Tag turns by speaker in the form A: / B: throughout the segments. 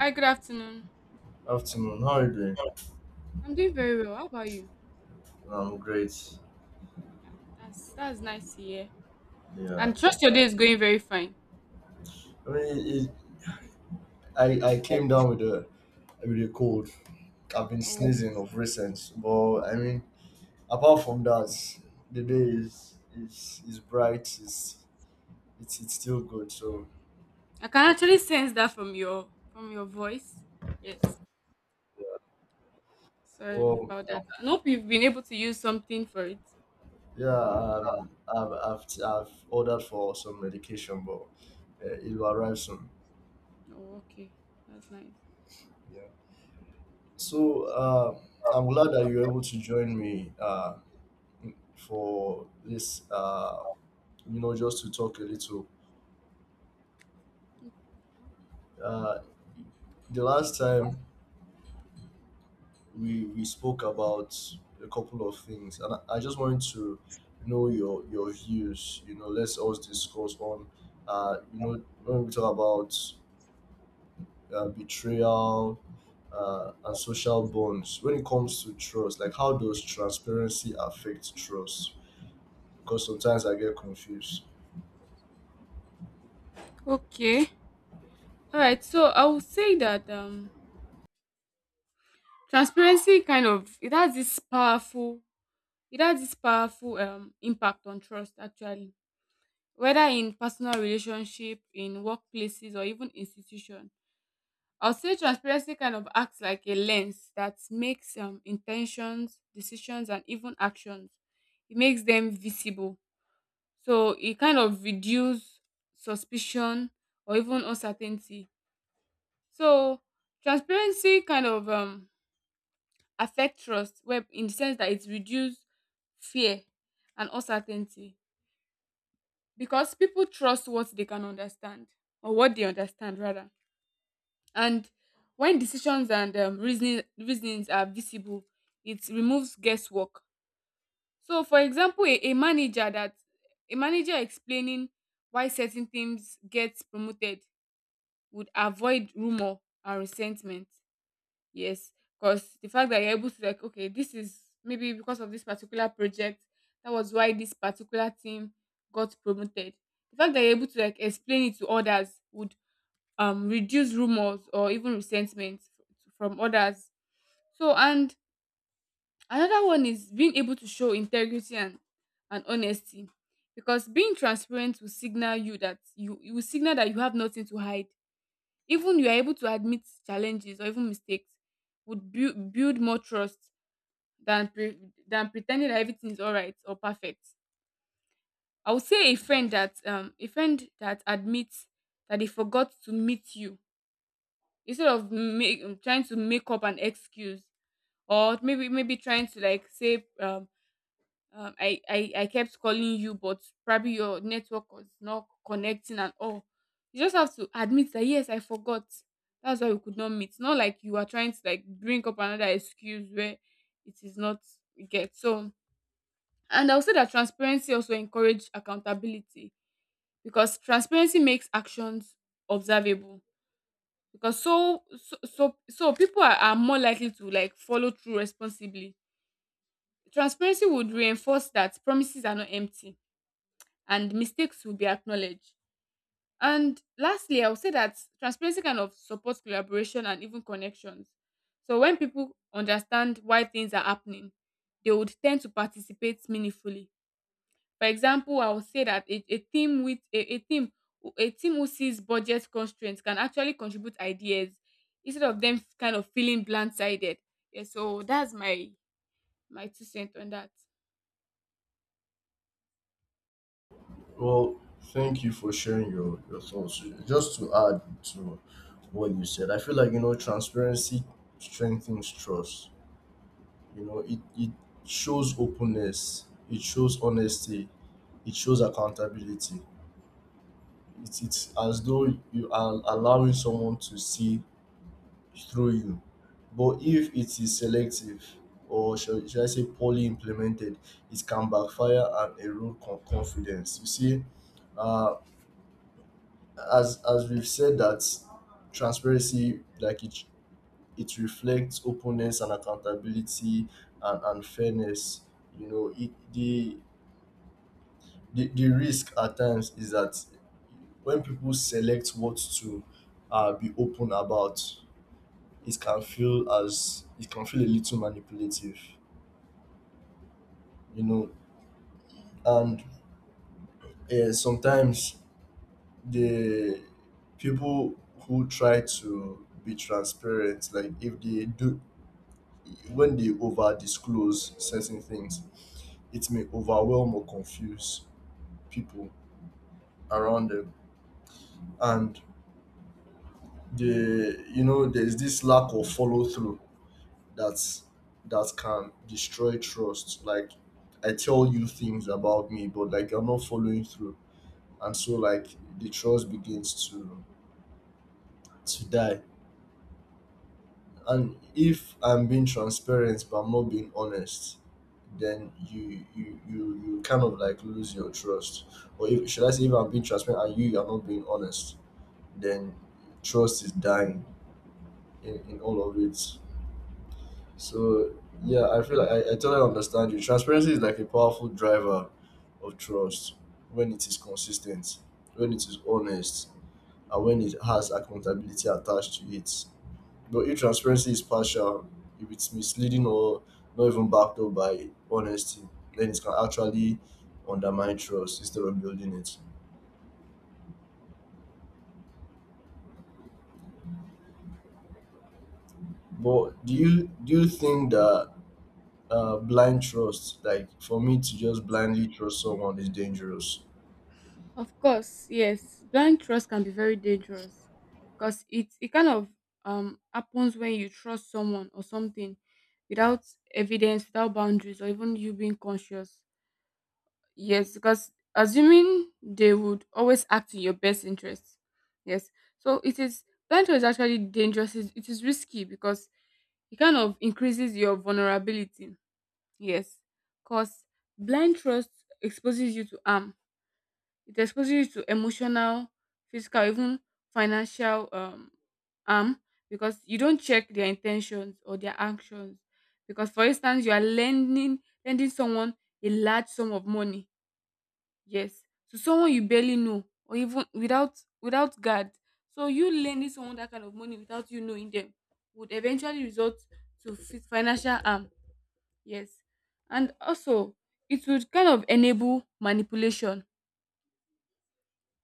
A: Hi, good afternoon.
B: Afternoon, how are you doing?
A: I'm doing very well. How about you?
B: I'm great.
A: Yeah, that's nice to hear.
B: Yeah,
A: And trust your day is going very fine.
B: I mean, it, I came down with a cold. I've been
A: Oh,
B: sneezing of recent, but apart from that, the day is bright. It's still good. So,
A: I can actually sense that from your voice. Yes.
B: yeah.
A: Sorry
B: Well,
A: about that. I hope you've been able to use something for it.
B: yeah, I've ordered for some medication, but it will arrive soon.
A: Oh, okay. That's nice.
B: Yeah. So I'm glad that you're able to join me for this. Just to talk a little. Uh, the last time we spoke about a couple of things, and I just wanted to know your views. You know, let's also discuss on, when we talk about betrayal and social bonds. When it comes to trust, like how does transparency affect trust? Because sometimes I get confused.
A: Okay. All right. So I would say that transparency kind of it has this powerful it has this powerful impact on trust actually, whether in personal relationship, in workplaces, or even institution. I'll say transparency kind of acts like a lens that makes intentions, decisions, and even actions, it makes them visible. So it kind of reduce suspicion or even uncertainty. So transparency kind of affect trust, where in the sense that it reduce fear and uncertainty, because people trust what they can understand, or what they understand rather. And when decisions and reasonings are visible, it removes guesswork. So for example, a manager that, a manager explaining why certain things get promoted would avoid rumor and resentment. Yes, because the fact that you're able to like, okay, this is maybe because of this particular project, that was why this particular team got promoted. The fact that you're able to like explain it to others would reduce rumors or even resentment from others. So, and another one is being able to show integrity and honesty. Because being transparent will signal you will signal that you have nothing to hide. Even you are able to admit challenges or even mistakes would build more trust than than pretending that everything is all right or perfect. I would say a friend that admits that they forgot to meet you, instead of trying to make up an excuse, or maybe trying to like say I kept calling you, but probably your network was not connecting and all. You just have to admit that yes, I forgot. That's why we could not meet. Not like you are trying to like bring up another excuse where it is not get. So, and I would say that transparency also encourage accountability, because transparency makes actions observable. Because so people are more likely to like follow through responsibly. Transparency would reinforce that promises are not empty and mistakes will be acknowledged. And lastly, I would say that transparency kind of supports collaboration and even connections. So when people understand why things are happening, they would tend to participate meaningfully. For example, I would say that a team with a team who sees budget constraints can actually contribute ideas instead of them kind of feeling blindsided. Yeah, so that's my two cents on that.
B: Well, thank you for sharing your thoughts. Just to add to what you said, I feel like you know transparency strengthens trust. You know, it shows openness, it shows honesty, it shows accountability. It's as though you are allowing someone to see through you. But if it is selective or should I say poorly implemented, it can backfire and erode confidence. You see, uh, as we've said that transparency like it reflects openness and accountability and fairness. You know, it, the risk at times is that when people select what to be open about, it can feel as it can feel a little manipulative, you know. And sometimes the people who try to be transparent, like if they do, when they over disclose certain things, it may overwhelm or confuse people around them. And the, you know, there's this lack of follow through, that's that can destroy trust. Like I tell you things about me, but like you're not following through, and so like the trust begins to die. And if I'm being transparent but I'm not being honest, then you you kind of like lose your trust. Or if should I say if I'm being transparent and you are not being honest, then trust is dying in all of it. So yeah, I feel like I totally understand you. Transparency is like a powerful driver of trust when it is consistent, when it is honest, and when it has accountability attached to it. But if transparency is partial, if it's misleading or not even backed up by honesty, then it can actually undermine trust instead of building it. But do you think that blind trust, like for me to just blindly trust someone, is dangerous?
A: Of course, yes. Blind trust can be very dangerous, because it kind of happens when you trust someone or something without evidence, without boundaries, or even you being conscious. Yes, because assuming they would always act in your best interest. Yes. So it is, blind trust is actually dangerous. It is risky because it kind of increases your vulnerability. Yes. Because blind trust exposes you to harm, it exposes you to emotional, physical, even financial harm, because you don't check their intentions or their actions. Because, for instance, you are lending someone a large sum of money, yes, to someone you barely know or even without guard. So you lending someone that kind of money without you knowing them would eventually result to financial harm, yes, and also it would kind of enable manipulation.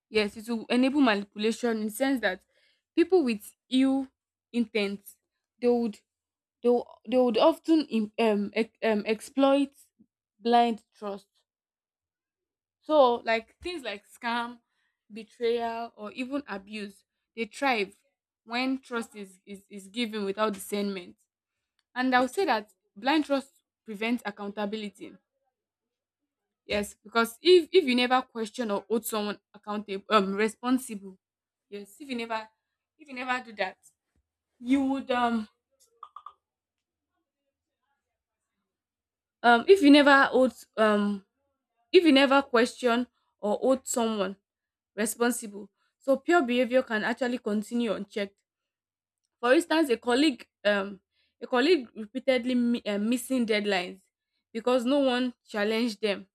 A: Yes, it will enable manipulation in the sense that people with ill intent, they would, they would often exploit blind trust. So like things like scam, betrayal, or even abuse, they thrive when trust is, is given without discernment. And I would say that blind trust prevents accountability. Yes, because if you never question or hold someone accountable, responsible, yes, if you never do that, you would if you never hold if you never question or hold someone responsible, so pure behavior can actually continue unchecked. For instance, a colleague repeatedly missing deadlines because no one challenged them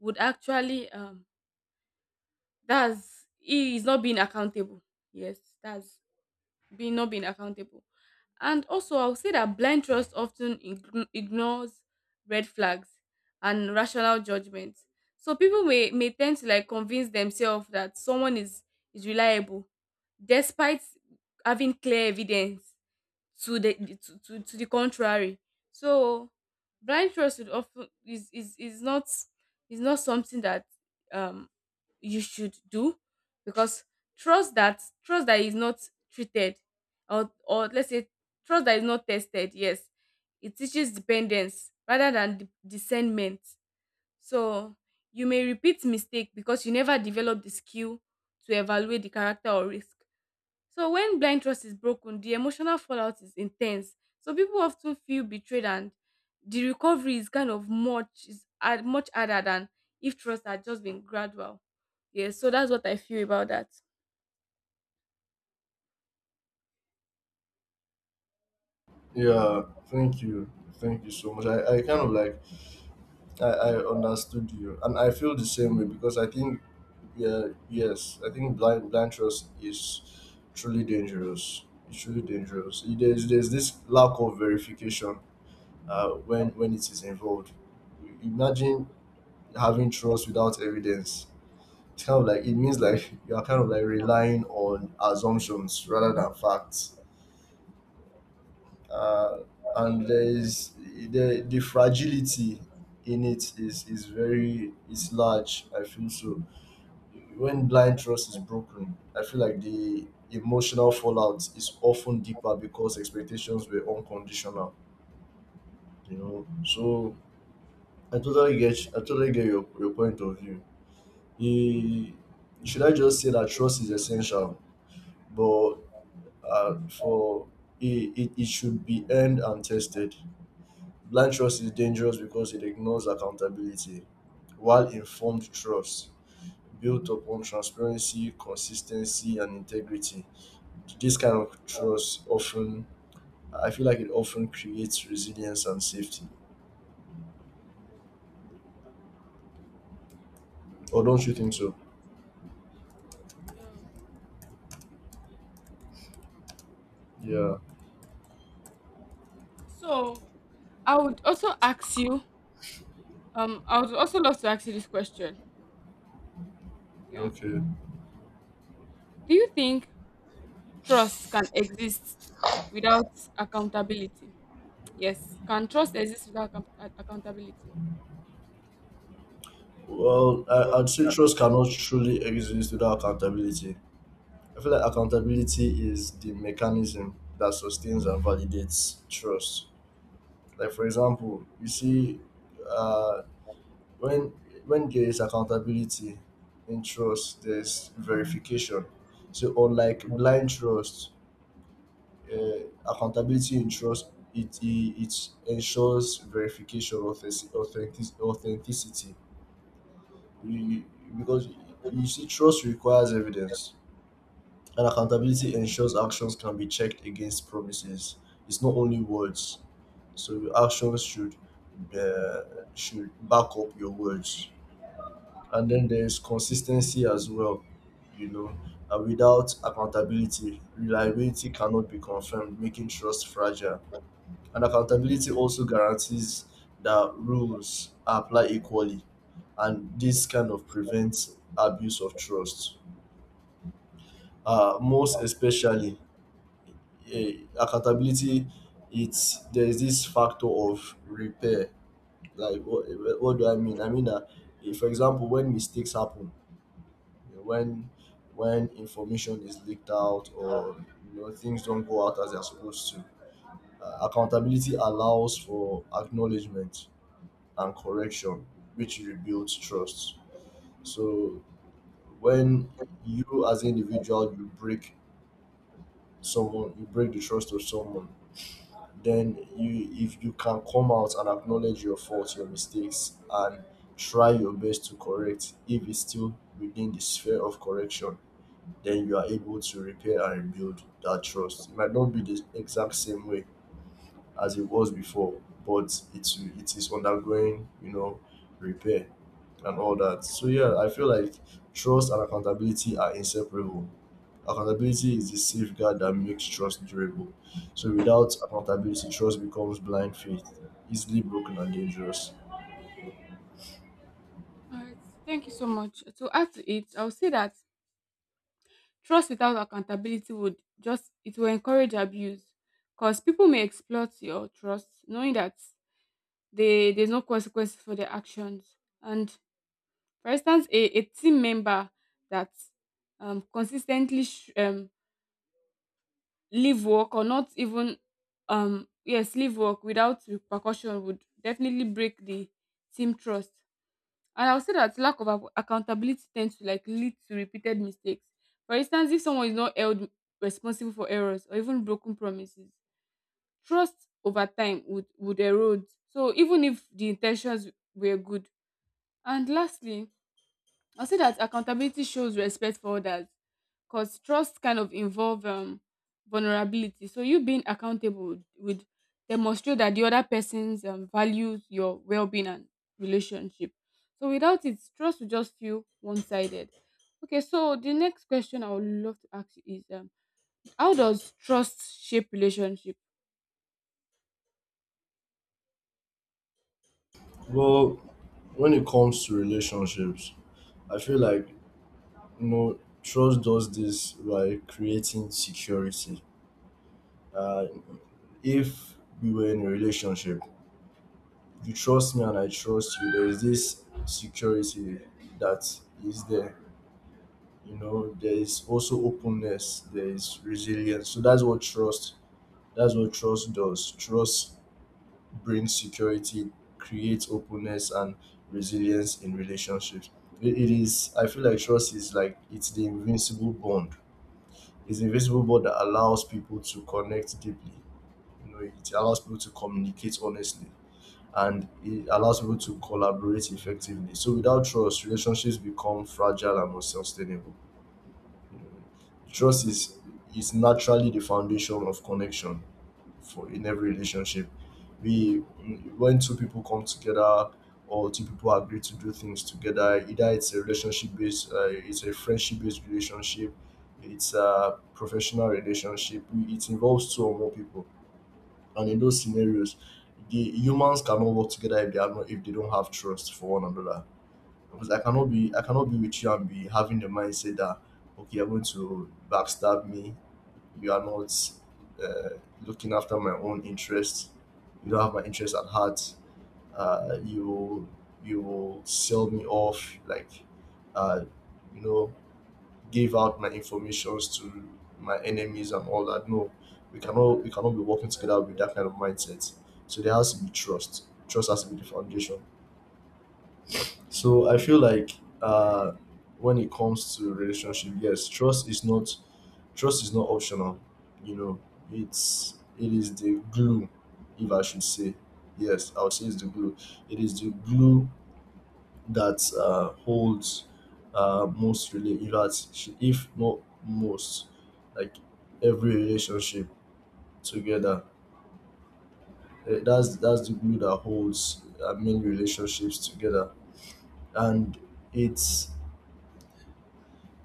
A: would actually that's, he is not being accountable. Yes, that's being, not being accountable. And also, I'll say that blind trust often ignores red flags and rational judgment. So people may tend to like convince themselves that someone is reliable despite having clear evidence to the to the contrary. So blind trust would often is not, is not something that um you should do, because trust that is not treated, or let's say trust that is not tested, yes, it teaches dependence rather than discernment. So you may repeat mistake because you never develop the skill to evaluate the character or risk. So when blind trust is broken, the emotional fallout is intense. So people often feel betrayed, and the recovery is kind of much is much harder than if trust had just been gradual. Yes, so that's what I feel about that.
B: Yeah, thank you. Thank you so much. I kind of like I understood you and I feel the same way because I think, yeah, yes, I think blind trust is truly dangerous. It's truly dangerous. There's this lack of verification when it is involved. Imagine having trust without evidence. It's kind of like it means like you are kind of like relying on assumptions rather than facts. Uh, and there's the fragility in it is very is large. I feel so when blind trust is broken, I feel like the emotional fallout is often deeper because expectations were unconditional. You know, so I totally get your point of view. Eh, should I just say that trust is essential, but for it should be earned and tested. Blind trust is dangerous because it ignores accountability, while informed trust built upon transparency, consistency, and integrity. This kind of trust often, I feel like it often creates resilience and safety. Or don't you think so?
A: Yeah.
B: Yeah.
A: So I would also ask you, I would also love to ask you this question. Yeah.
B: Okay.
A: Do you think trust can exist without accountability? Yes. Can trust exist without accountability?
B: Well, I'd say trust cannot truly exist without accountability. I feel like accountability is the mechanism that sustains and validates trust. Like for example, you see, uh, when when there is accountability in trust, there's verification. So unlike blind trust, uh, accountability ensures it ensures verification, authenticity, you, you- because you see trust requires evidence, and accountability ensures actions can be checked against promises. It's not only words, so your actions uh, should back up your words. And then there's consistency as well, you know, and without accountability reliability cannot be confirmed, making trust fragile. And accountability also guarantees that rules apply equally, and this kind of prevents abuse of trust. Most especially, eh, accountability, it's there is this factor of repair. Like, what do I mean? I mean that, if, for example, when mistakes happen, you know, when information is leaked out or you know things don't go out as they're supposed to, accountability allows for acknowledgement and correction, which rebuilds trust. So when you as an individual you break someone, you break the trust of someone, then you if you can come out and acknowledge your faults, your mistakes, and try your best to correct if it's still within the sphere of correction, then you are able to repair and rebuild that trust. It might not be the exact same way as it was before, but it's it is undergoing, you know, repair. And all that. So yeah, I feel like trust and accountability are inseparable. Accountability is the safeguard that makes trust durable. So without accountability, trust becomes blind faith, easily broken and dangerous.
A: All right. Thank you so much. To add to it, I would say that trust without accountability would just, it will encourage abuse, because people may exploit your trust knowing that they there's no consequences for their actions. And for instance, a team member that consistently leave work or not even yes, leave work without repercussion would definitely break the team trust. And I'll say that lack of accountability tends to like lead to repeated mistakes. For instance, if someone is not held responsible for errors or even broken promises, trust over time would erode. So even if the intentions were good. And lastly, I'll say that accountability shows respect for others, because trust kind of involve vulnerability. So you being accountable would demonstrate that the other person's values your well-being and relationship. So without it, trust will just feel one-sided. Okay, so the next question I would love to ask you is how does trust shape relationship?
B: Well, when it comes to relationships, I feel like you know trust does this by creating security. Uh, if we were in a relationship, you trust me and I trust you. There is this security that is there, you know, there is also openness, there is resilience. So that's what trust, that's what trust does. Trust brings security, creates openness and resilience in relationships. It is I feel like trust is like it's the invincible bond, it's the invincible bond that allows people to connect deeply. You know, it allows people to communicate honestly, and it allows people to collaborate effectively. So without trust, relationships become fragile and unsustainable. Trust is naturally the foundation of connection for in every relationship. We when two people come together or two people agree to do things together, either it's a relationship based, it's a friendship based relationship, it's a professional relationship. It involves two or more people, and in those scenarios, the humans cannot work together if they are not if they don't have trust for one another, because I cannot be with you and be having the mindset that okay, you're going to backstab me. You are not uh, looking after my own interests. You don't have my interests at heart. You you will sell me off like uh, you know give out my informations to my enemies and all that. No, we cannot be working together with that kind of mindset. So there has to be trust. Trust has to be the foundation. So I feel like uh, when it comes to relationship, yes, trust is not optional. You know, it is the glue, if I should say. Yes, I would say it's the glue. It is the glue that holds most really. If that's- if not most, like every relationship together. Eh, that's the glue that holds many relationships together, and it's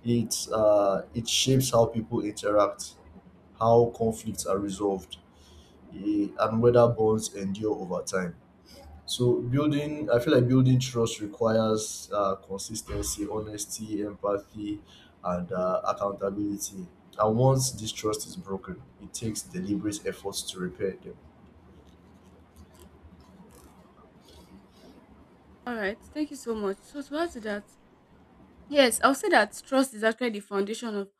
B: It shapes how people interact, how conflicts are resolved, eh, and whether bonds endure over time. So building, I feel like building trust requires consistency, honesty, empathy, and accountability. And once this trust is broken, it takes deliberate efforts to repair them.
A: All right, thank you so much. So to add to that, yes, I'll say that trust is actually the foundation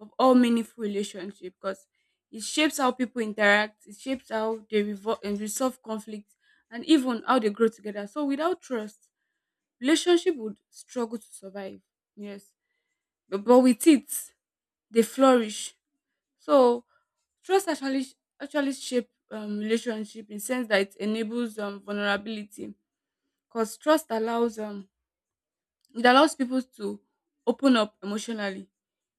A: of all meaningful relationship, because it shapes how people interact, it shapes how they revol- and resolve conflicts, and even how they grow together. So without trust, relationship would struggle to survive. Yes, but with it, they flourish. So trust actually shape relationship in sense that it enables vulnerability, because trust allows it allows people to open up emotionally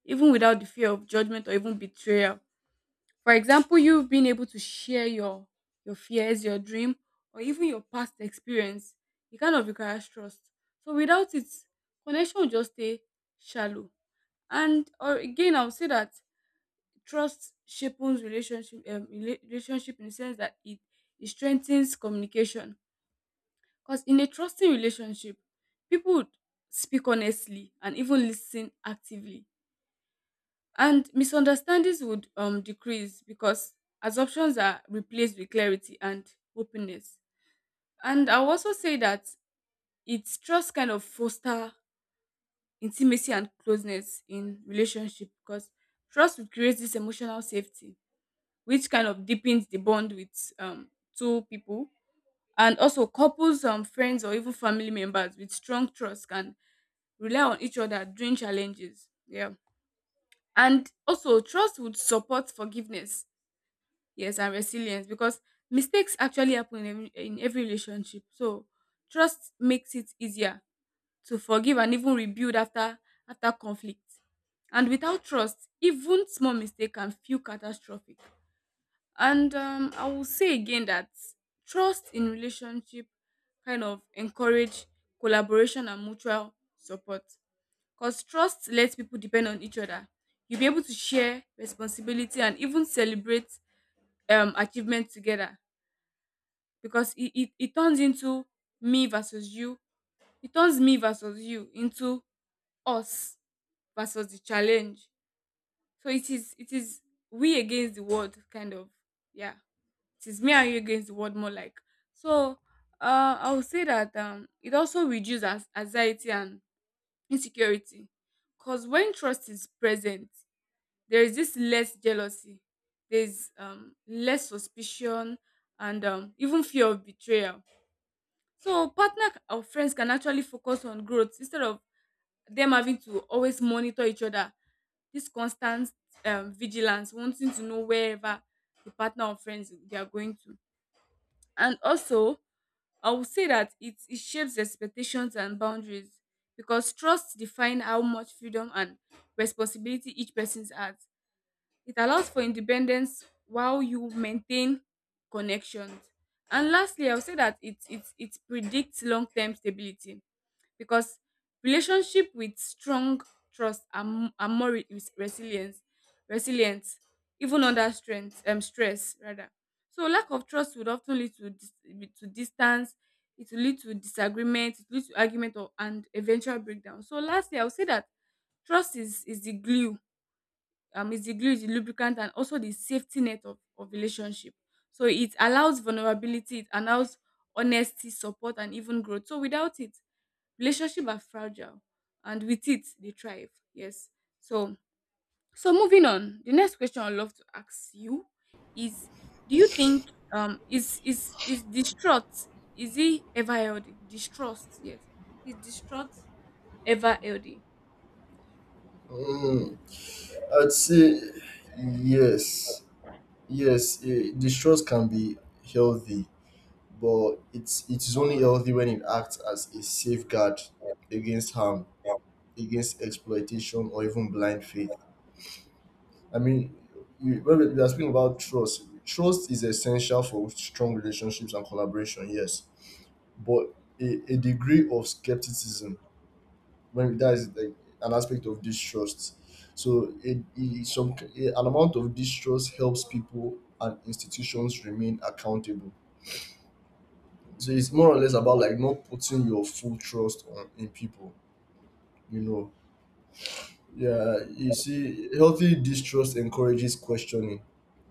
A: even without the fear of judgment or even betrayal. For example, you have been able to share your fears, your dream, or even your past experience, it kind of requires trust. So without it, connection will just stay shallow. And or again, I would say that trust shapes relationship relationship in the sense that it strengthens communication. Because in a trusting relationship, people would speak honestly and even listen actively, and misunderstandings would decrease because assumptions are replaced with clarity and openness. And I'll also say that it's trust kind of foster intimacy and closeness in relationship, because trust would create this emotional safety which kind of deepens the bond with two people. And also couples, friends, or even family members with strong trust can rely on each other during challenges, yeah. And also trust would support forgiveness, yes, and resilience, because mistakes actually happen in every relationship. So trust makes it easier to forgive and even rebuild after after conflict. And without trust, even small mistake can feel catastrophic. And I will say again that trust in relationship kind of encourage collaboration and mutual support, because trust lets people depend on each other. You'll be able to share responsibility and even celebrate achievement together, because it turns into me versus you. It turns me versus you into us versus the challenge. So it is, it is we against the world kind of, yeah. It is me and you against the world more like. So I would say that it also reduces anxiety and insecurity. Cause when trust is present, there is this less jealousy, there's less suspicion and even fear of betrayal. So partner or friends can actually focus on growth instead of them having to always monitor each other. This constant vigilance, wanting to know wherever the partner or friends they are going to. And also, I would say that it shapes expectations and boundaries because trust defines how much freedom and responsibility each person has. It allows for independence while you maintain connections. And lastly, I would say that it predicts long term stability because relationship with strong trust are, m- are more re- is resilience resilient even under strength stress rather. So lack of trust would often lead to to distance. It will lead to disagreement, it leads to argument or, and eventual breakdown. So lastly I would say that trust is the glue, is the glue, the lubricant and also the safety net of relationship. So it allows vulnerability, it allows honesty, support and even growth. So without it, relationship are fragile, and with it they thrive. Yes. So so moving on, the next question I'd love to ask you is, do you think is distrust, is it ever healthy? Distrust, yes. Is distrust ever healthy?
B: Mm, I'd say yes, yes. Eh, distrust can be healthy, but it is only healthy when it acts as a safeguard against harm, against exploitation, or even blind faith. I mean, you, when we are speaking about trust, trust is essential for strong relationships and collaboration. Yes, but a degree of skepticism when that is like an aspect of distrust. So, some an amount of distrust helps people and institutions remain accountable. So it's more or less about like not putting your full trust on in people, you know. Yeah, you see, healthy distrust encourages questioning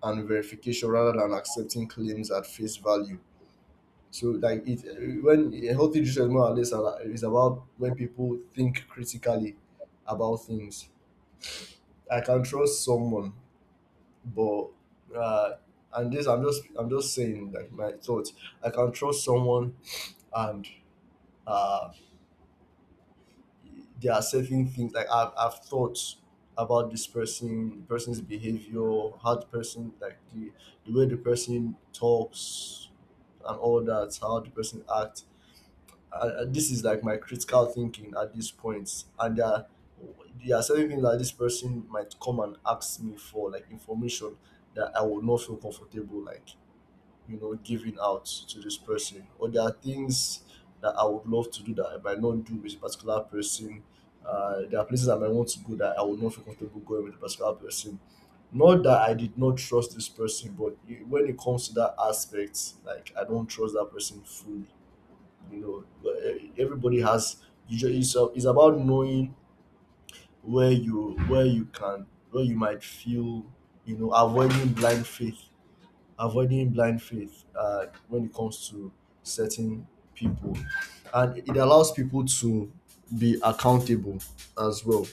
B: and verification rather than accepting claims at face value. So like it when a healthy distrust more or less is about when people think critically about things. I can trust someone, but uh, and this I'm just saying like my thoughts. I can trust someone and uh they are certain things like I've thought about this person, the person's behavior, how the person like the way the person talks and all that, how the person acts. This is like my critical thinking at this point, and there are certain things that this person might come and ask me for, like information that I would not feel comfortable like you know giving out to this person, or there are things that I would love to do that I might not do with a particular person. There are places I might want to go that I would not feel comfortable going with a particular person, not that I did not trust this person, but when it comes to that aspect like I don't trust that person fully. You know, but, eh, everybody has, you just, it's, it's about knowing where you can where you might feel, you know, avoiding blind faith when it comes to certain people. And it allows people to be accountable as well,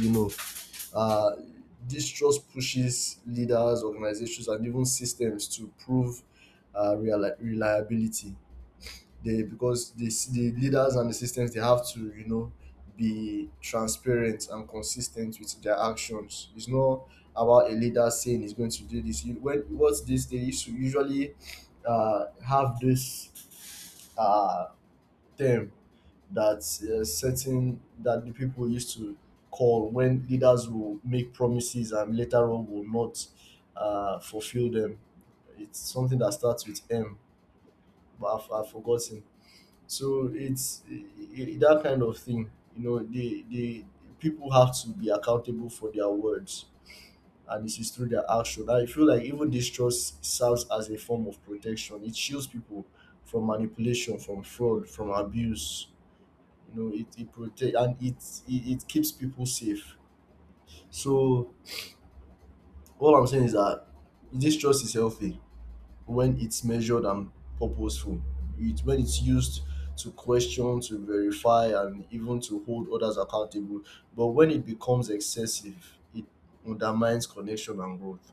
B: you know. uh, Distrust pushes leaders, organizations, and even systems to prove reliability. They because the leaders and the systems they have to you know be transparent and consistent with their actions. It's not about a leader saying he's going to do this. You, when what's this? They used to usually have this uh, term that certain that the people used to call when leaders will make promises and later on will not fulfill them. It's something that starts with M, but I've forgotten. So it's that kind of thing. You know, they people have to be accountable for their words, and this is through their action. I feel like even distrust serves as a form of protection. It shields people from manipulation, from fraud, from abuse. You know, it protect and it keeps people safe. So all I'm saying is that distrust is healthy when it's measured and purposeful. It, when it's used to question, to verify, and even to hold others accountable. But when it becomes excessive, it undermines connection and growth.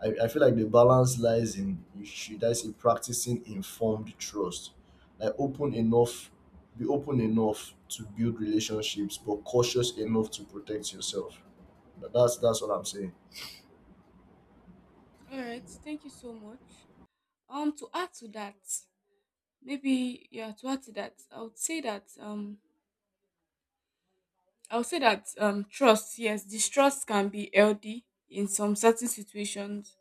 B: I feel like the balance lies in, should I say, practicing informed trust. Like open enough, be open enough to build relationships, but cautious enough to protect yourself. That's what I'm saying.
A: All right, thank you so much. To add to that, maybe yeah, to add to that, I would say that trust, yes, distrust can be healthy in some certain situations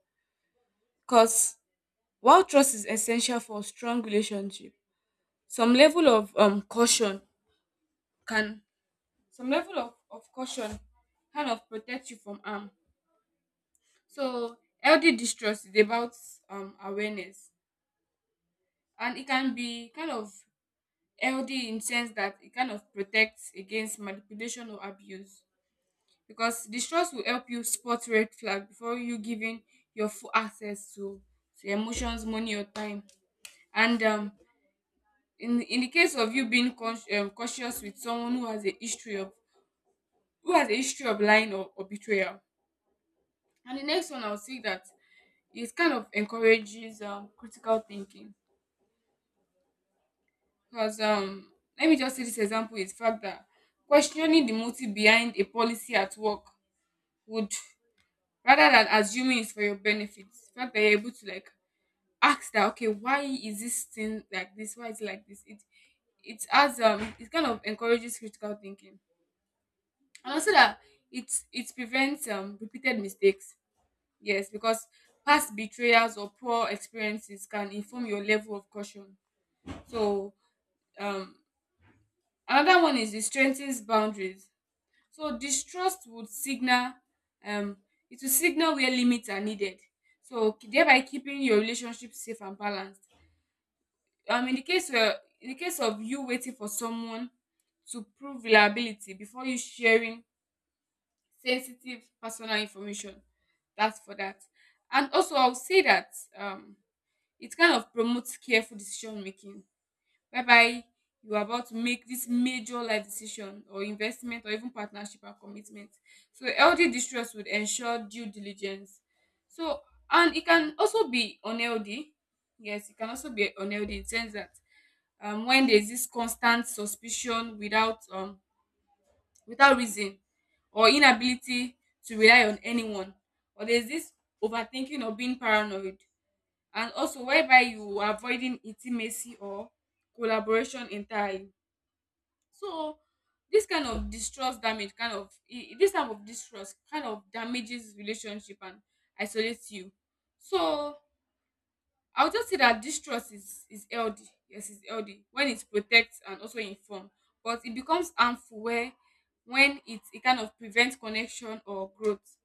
A: because while trust is essential for strong relationship, some level of caution can, some level of caution kind of protect you from harm. So healthy distrust is about awareness, and it can be kind of healthy in sense that it kind of protects against manipulation or abuse, because distrust will help you spot red flag before you giving your full access to emotions, money or time. And in the case of you being cautious with someone who has a history of lying or betrayal. And the next one I'll say that it kind of encourages critical thinking, because let me just say this example is fact that questioning the motive behind a policy at work would, rather than assuming it's for your benefit, the fact that you're able to like ask that, okay, why is this thing like this, why is it like this, it has it kind of encourages critical thinking. And also that it prevents repeated mistakes, yes, because past betrayals or poor experiences can inform your level of caution. So um another one is it strengthens boundaries. So distrust would signal, um it will signal where limits are needed, so thereby keeping your relationship safe and balanced. In the case of you waiting for someone to prove reliability before you sharing sensitive personal information. That's for that. And also, I'll say that um, it kind of promotes careful decision making, whereby you are about to make this major life decision or investment or even partnership and commitment. So healthy distrust would ensure due diligence. So, and it can also be unhealthy. Yes, it can also be unhealthy in the sense that when there's this constant suspicion without without reason, or inability to rely on anyone, or there's this overthinking or being paranoid, and also whereby you are avoiding intimacy or collaboration entirely. So this kind of distrust damage kind of I- this type of distrust kind of damages relationship and isolates you. So I'll just say that this trust is healthy. Yes, it's healthy when it protects and also inform. But it becomes harmful where when it kind of prevents connection or growth.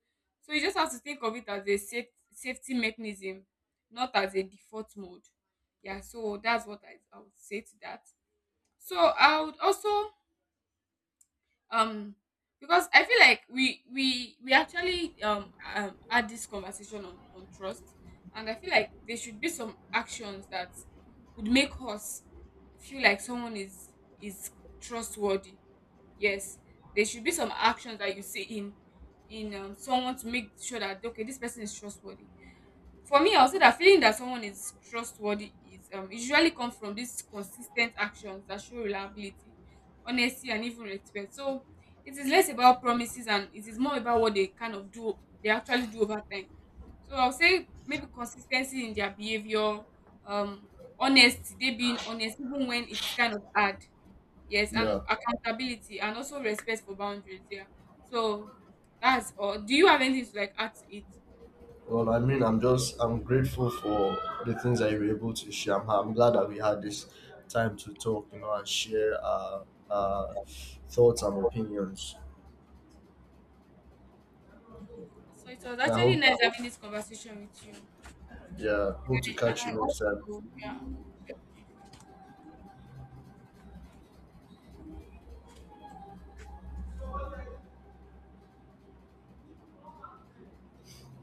A: So you just have to think of it as a safety mechanism, not as a default mode. Yeah, so that's what I would say to that. So I would also um because I feel like we actually had this conversation on trust, and I feel like there should be some actions that would make us feel like someone is trustworthy. Yes, there should be some actions that you see in someone to make sure that okay, this person is trustworthy. For me, I'll say that feeling that someone is trustworthy is usually comes from these consistent actions that show reliability, honesty, and even respect. So it is less about promises, and it is more about what they kind of they actually do over time. So I'll say maybe consistency in their behavior, um, honesty, they being honest even when it is kind of hard. Yes, and
B: Yeah.
A: accountability and also respect for boundaries. Yeah. So that's all. Do you have anything to like add to
B: Well, I mean, I'm grateful for the things that you were able to share. I'm glad that we had this time to talk, you know, and share our thoughts and opinions.
A: it? So it was
B: And I
A: actually
B: hope,
A: nice having this conversation with you. And
B: yeah, hope to catch
A: I
B: you next time.
A: also, yeah. Mhm.